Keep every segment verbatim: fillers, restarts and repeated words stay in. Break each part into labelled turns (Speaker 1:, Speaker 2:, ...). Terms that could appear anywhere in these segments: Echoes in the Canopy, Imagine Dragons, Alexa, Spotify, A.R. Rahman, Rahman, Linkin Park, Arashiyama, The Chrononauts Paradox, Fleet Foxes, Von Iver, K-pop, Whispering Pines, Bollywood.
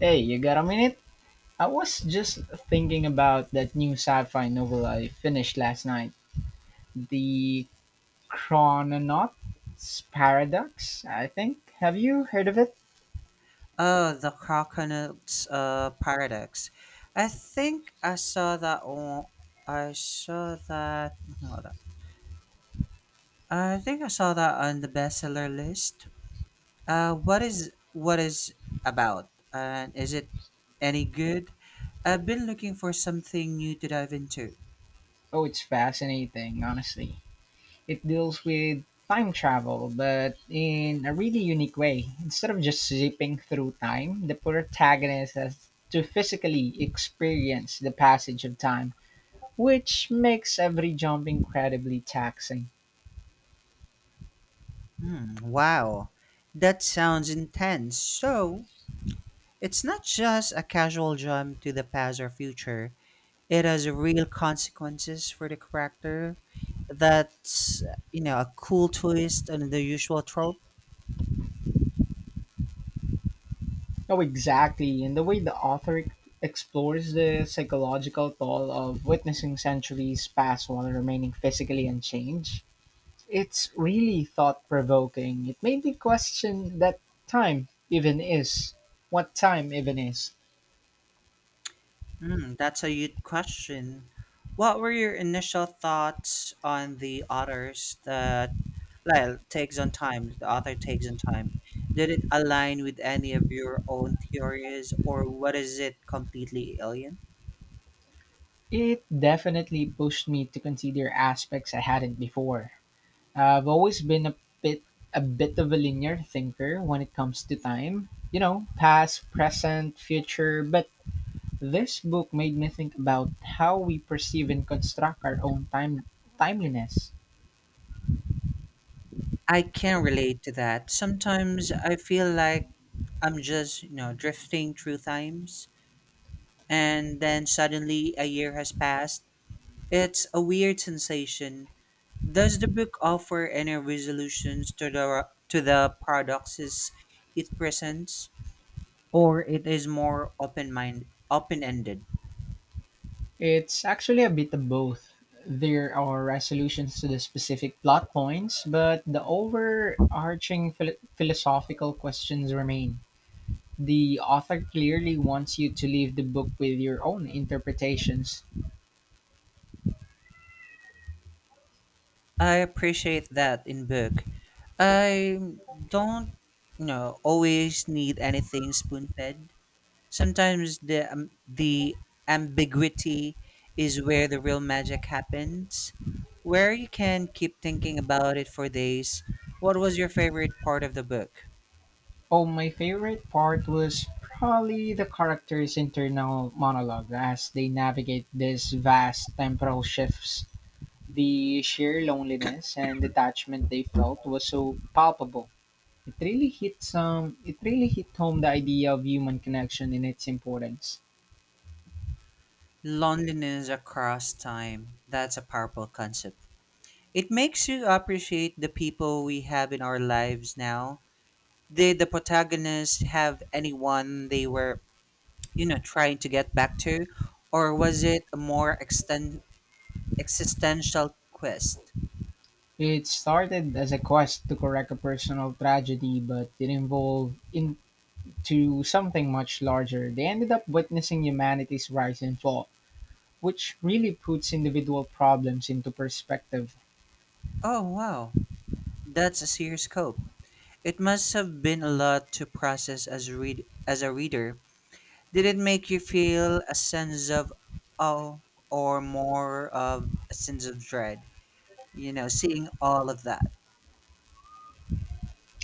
Speaker 1: Hey, you got a minute? I was just thinking about that new sci-fi novel I finished last night, The Chrononauts Paradox, I think. Have you heard of it?
Speaker 2: Oh, the coconut uh, paradox. I think I saw that on. I saw that. Hold on. I think I saw that on the bestseller list. Uh, what is what is about, and is it any good? I've been looking for something new to dive into.
Speaker 1: Oh, it's fascinating, honestly. It deals with time travel, but in a really unique way. Instead of just zipping through time, the protagonist has to physically experience the passage of time, which makes every jump incredibly taxing.
Speaker 2: Hmm, wow, that sounds intense. So it's not just a casual jump to the past or future. It has real consequences for the character. That's you know a cool twist and the usual trope.
Speaker 1: No, exactly. And the way the author ex- explores the psychological toll of witnessing centuries pass while remaining physically unchanged, it's really thought provoking. It made me question that time even is. What time even is.
Speaker 2: Mm, that's a good question. What were your initial thoughts on the authors that like, takes on time? The author takes on time. Did it align with any of your own theories, or what is it completely alien?
Speaker 1: It definitely pushed me to consider aspects I hadn't before. I've always been a bit a bit of a linear thinker when it comes to time. You know, past, present, future, but this book made me think about how we perceive and construct our own time timeliness.
Speaker 2: I can relate to that. Sometimes I feel like I'm just, you know, drifting through times, and then suddenly a year has passed. It's a weird sensation. Does the book offer any resolutions to the to the paradoxes it presents, or it is more open mind open ended?
Speaker 1: It's actually a bit of both. There are resolutions to the specific plot points, but the overarching phil- philosophical questions remain. The author clearly wants you to leave the book with your own interpretations.
Speaker 2: I appreciate that in book. I don't you know always need anything spoon fed. Sometimes the um, the ambiguity is where the real magic happens, where you can keep thinking about it for days. What was your favorite part of the book?
Speaker 1: Oh, my favorite part was probably the characters' internal monologue as they navigate these vast temporal shifts. The sheer loneliness and detachment they felt was so palpable. It really hit some it really hit home the idea of human connection and its importance.
Speaker 2: Loneliness across time. That's a powerful concept. It makes you appreciate the people we have in our lives now. Did the protagonists have anyone they were, you know, trying to get back to? Or was it a more exten- existential quest?
Speaker 1: It started as a quest to correct a personal tragedy, but it evolved into something much larger. They ended up witnessing humanity's rise and fall, which really puts individual problems into perspective.
Speaker 2: Oh, wow. That's a serious scope. It must have been a lot to process as read as a reader. Did it make you feel a sense of awe or more of a sense of dread? You know, seeing all of that.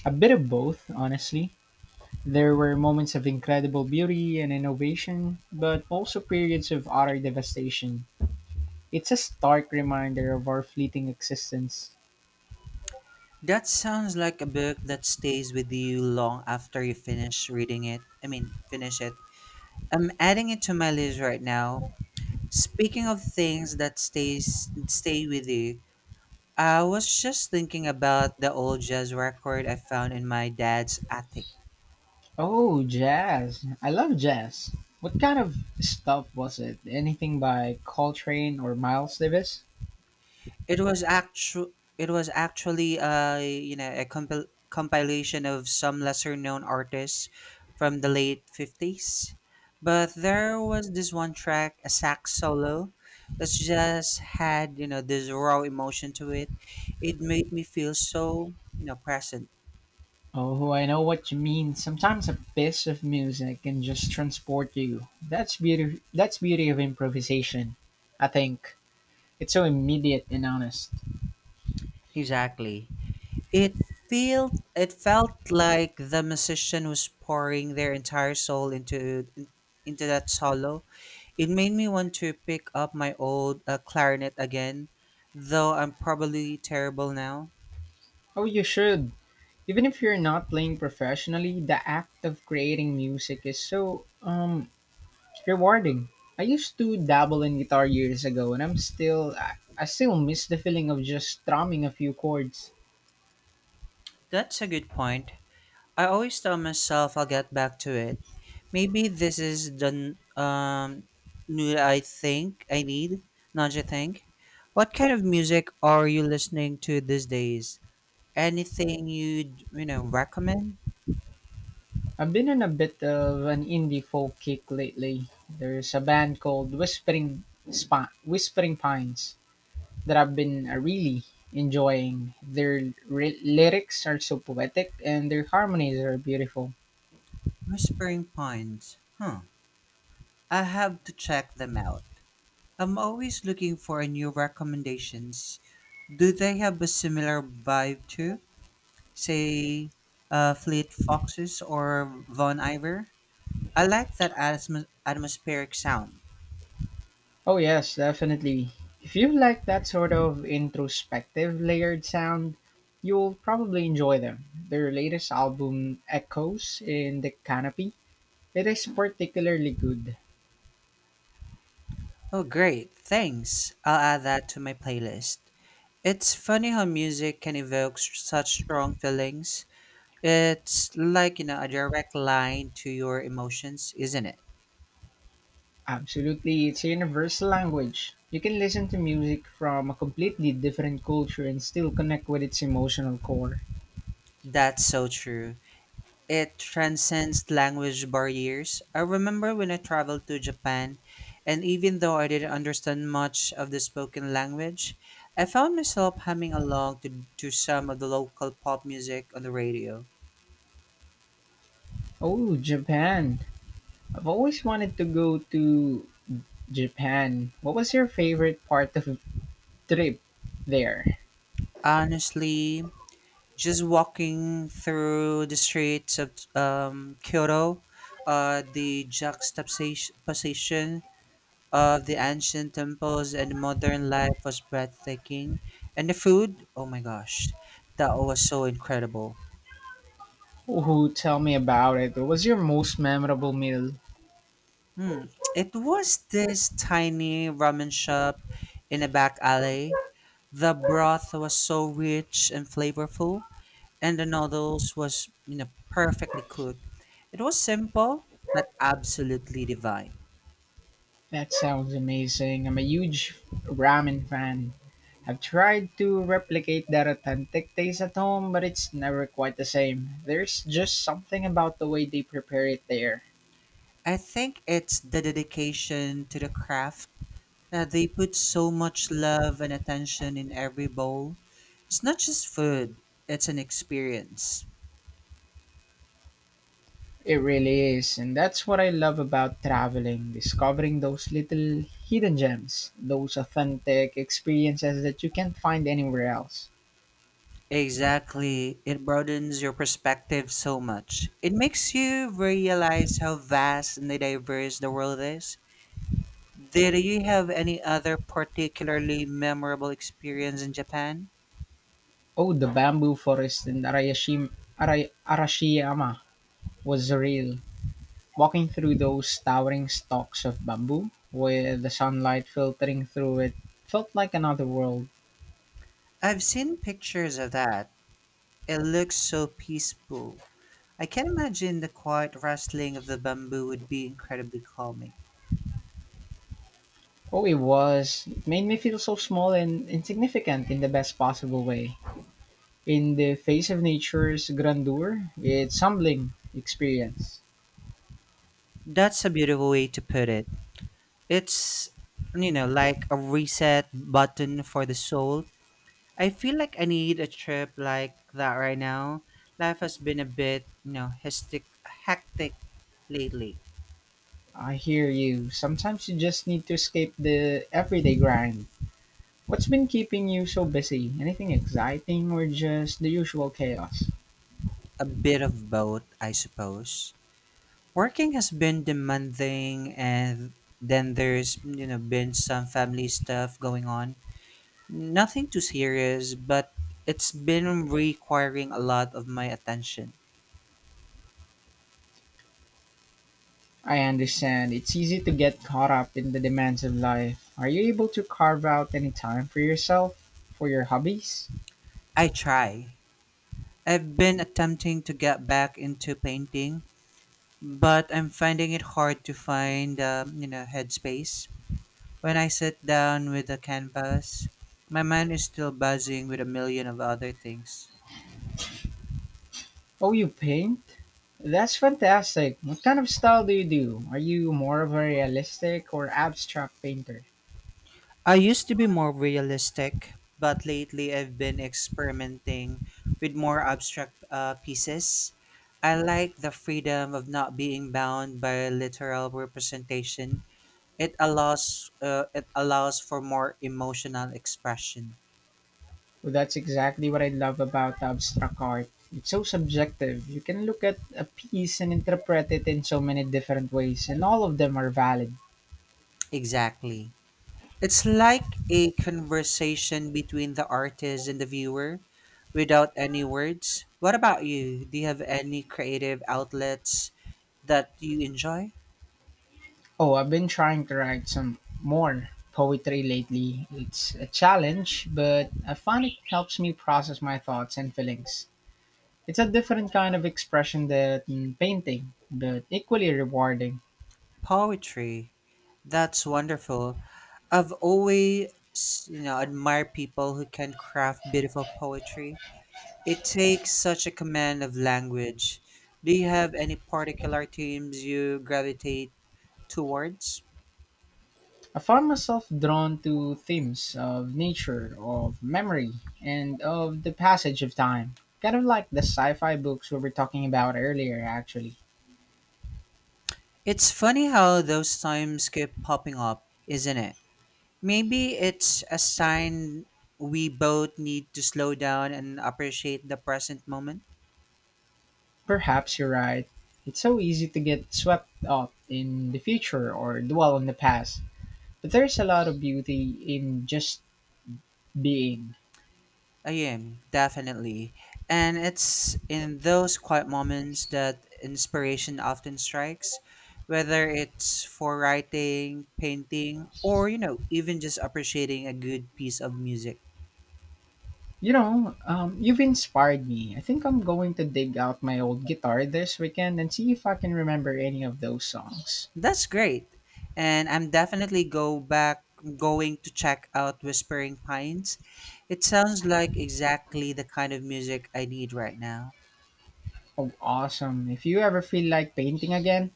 Speaker 1: A bit of both, honestly. There were moments of incredible beauty and innovation, but also periods of utter devastation. It's a stark reminder of our fleeting existence.
Speaker 2: That sounds like a book that stays with you long after you finish reading it. I mean, finish it. I'm adding it to my list right now. Speaking of things that stays stay with you, I was just thinking about the old jazz record I found in my dad's attic.
Speaker 1: Oh, jazz. I love jazz. What kind of stuff was it? Anything by Coltrane or Miles Davis?
Speaker 2: It was actu- it was actually a you know a compil- compilation of some lesser known artists from the late fifties. But there was this one track, a sax solo, that just had, you know, this raw emotion to it. It made me feel so, you know, present.
Speaker 1: Oh, I know what you mean. Sometimes a piece of music can just transport you. That's beauty that's beauty of improvisation, I think. It's so immediate and honest.
Speaker 2: Exactly. It felt it felt like the musician was pouring their entire soul into into that solo. It made me want to pick up my old uh, clarinet again, though I'm probably terrible now.
Speaker 1: Oh, you should. Even if you're not playing professionally, the act of creating music is so um rewarding. I used to dabble in guitar years ago, and I'm still I, I still miss the feeling of just strumming a few chords.
Speaker 2: That's a good point. I always tell myself I'll get back to it. Maybe this is the n- um new I think I need. Not you think? What kind of music are you listening to these days? Anything you'd you know recommend?
Speaker 1: I've been in a bit of an indie folk kick lately. There's a band called Whispering Spi- Whispering Pines that I've been uh, really enjoying. Their ry- lyrics are so poetic and their harmonies are beautiful.
Speaker 2: Whispering Pines. Huh. I have to check them out. I'm always looking for new recommendations. Do they have a similar vibe too? Say, uh, Fleet Foxes or Von Iver? I like that atmos- atmospheric sound.
Speaker 1: Oh yes, definitely. If you like that sort of introspective layered sound, you'll probably enjoy them. Their latest album, Echoes in the Canopy, it is particularly good.
Speaker 2: Oh, great. Thanks. I'll add that to my playlist. It's funny how music can evoke s- such strong feelings. It's like, you know, a direct line to your emotions, isn't it?
Speaker 1: Absolutely, it's a universal language. You can listen to music from a completely different culture and still connect with its emotional core.
Speaker 2: That's so true. It transcends language barriers. I remember when I traveled to Japan, and even though I didn't understand much of the spoken language, I found myself humming along to, to some of the local pop music on the radio.
Speaker 1: Oh, Japan. I've always wanted to go to Japan. What was your favorite part of the trip there?
Speaker 2: Honestly, just walking through the streets of um, Kyoto, uh, the juxtaposition of the ancient temples and modern life was breathtaking. And the food, oh my gosh, that was so incredible.
Speaker 1: Ooh, tell me about it. What was your most memorable meal?
Speaker 2: Hmm. It was this tiny ramen shop in a back alley. The broth was so rich and flavorful, and the noodles was you know perfectly cooked. It was simple but absolutely divine.
Speaker 1: That sounds amazing. I'm a huge ramen fan. I've tried to replicate that authentic taste at home, but it's never quite the same. There's just something about the way they prepare it there.
Speaker 2: I think it's the dedication to the craft. Uh, they put so much love and attention in every bowl. It's not just food, it's an experience.
Speaker 1: It really is, and that's what I love about traveling, discovering those little hidden gems, those authentic experiences that you can't find anywhere else.
Speaker 2: Exactly. It broadens your perspective so much. It makes you realize how vast and diverse the world is. Did you have any other particularly memorable experience in Japan?
Speaker 1: Oh, the bamboo forest in Arayashim, Aray, Arashiyama was real. Walking through those towering stalks of bamboo, with the sunlight filtering through it, felt like another world.
Speaker 2: I've seen pictures of that. It looks so peaceful. I can imagine the quiet rustling of the bamboo would be incredibly calming.
Speaker 1: Oh, it was. It made me feel so small and insignificant in the best possible way. In the face of nature's grandeur, it's humbling experience.
Speaker 2: That's a beautiful way to put it. It's, you know, like a reset button for the soul. I feel like I need a trip like that right now. Life has been a bit, you know, hectic, hectic lately.
Speaker 1: I hear you. Sometimes you just need to escape the everyday grind. What's been keeping you so busy? Anything exciting or just the usual chaos?
Speaker 2: A bit of both, I suppose. Working has been demanding, and then there's, you know, been some family stuff going on. Nothing too serious, but it's been requiring a lot of my attention.
Speaker 1: I understand. It's easy to get caught up in the demands of life. Are you able to carve out any time for yourself, for your hobbies?
Speaker 2: I try. I've been attempting to get back into painting, but I'm finding it hard to find, um, you know, headspace. When I sit down with a canvas, my mind is still buzzing with a million of other things.
Speaker 1: Oh, you paint? That's fantastic. What kind of style do you do? Are you more of a realistic or abstract painter?
Speaker 2: I used to be more realistic, but lately I've been experimenting with more abstract uh, pieces. I like the freedom of not being bound by a literal representation. It allows uh, it allows for more emotional expression.
Speaker 1: Well, that's exactly what I love about abstract art. It's so subjective. You can look at a piece and interpret it in so many different ways, and all of them are valid.
Speaker 2: Exactly. It's like a conversation between the artist and the viewer without any words. What about you? Do you have any creative outlets that you enjoy?
Speaker 1: Oh, I've been trying to write some more poetry lately. It's a challenge, but I find it helps me process my thoughts and feelings. It's a different kind of expression than painting, but equally rewarding.
Speaker 2: Poetry. That's wonderful. I've always, you know, admired people who can craft beautiful poetry. It takes such a command of language. Do you have any particular themes you gravitate towards?
Speaker 1: I found myself drawn to themes of nature, of memory, and of the passage of time. Kind of like the sci fi books we were talking about earlier, actually.
Speaker 2: It's funny how those times keep popping up, isn't it? Maybe it's a sign we both need to slow down and appreciate the present moment.
Speaker 1: Perhaps you're right. It's so easy to get swept up in the future or dwell on the past. There's a lot of beauty in just being.
Speaker 2: I am, definitely. And it's in those quiet moments that inspiration often strikes, whether it's for writing, painting, or, you know, even just appreciating a good piece of music.
Speaker 1: You know, um, you've inspired me. I think I'm going to dig out my old guitar this weekend and see if I can remember any of those songs.
Speaker 2: That's great. And I'm definitely go back going to check out Whispering Pines. It sounds like exactly the kind of music I need right now.
Speaker 1: Oh, awesome. If you ever feel like painting again,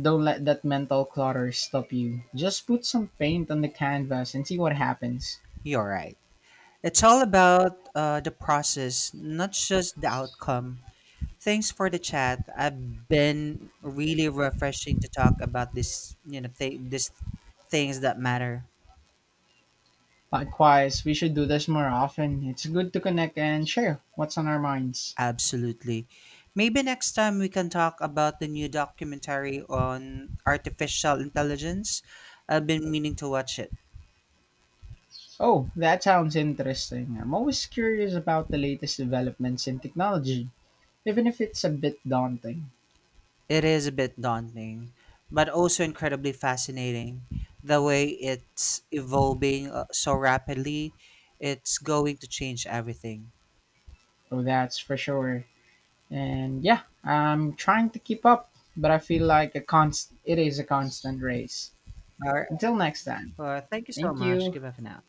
Speaker 1: don't let that mental clutter stop you. Just put some paint on the canvas and see what happens.
Speaker 2: You're right. It's all about uh, the process, not just the outcome. Thanks for the chat. I've been really refreshing to talk about this, you know, th- this things that matter.
Speaker 1: Likewise, we should do this more often. It's good to connect and share what's on our minds.
Speaker 2: Absolutely. Maybe next time we can talk about the new documentary on artificial intelligence. I've been meaning to watch it.
Speaker 1: Oh, that sounds interesting. I'm always curious about the latest developments in technology, even if it's a bit daunting.
Speaker 2: It is a bit daunting, but also incredibly fascinating. The way it's evolving uh, so rapidly, it's going to change everything.
Speaker 1: Oh, that's for sure. And yeah, I'm trying to keep up, but I feel like a const- it is a constant race.
Speaker 2: All right.
Speaker 1: Until next time,
Speaker 2: Well, thank you so
Speaker 1: thank
Speaker 2: much.
Speaker 1: you.
Speaker 2: Give up for now.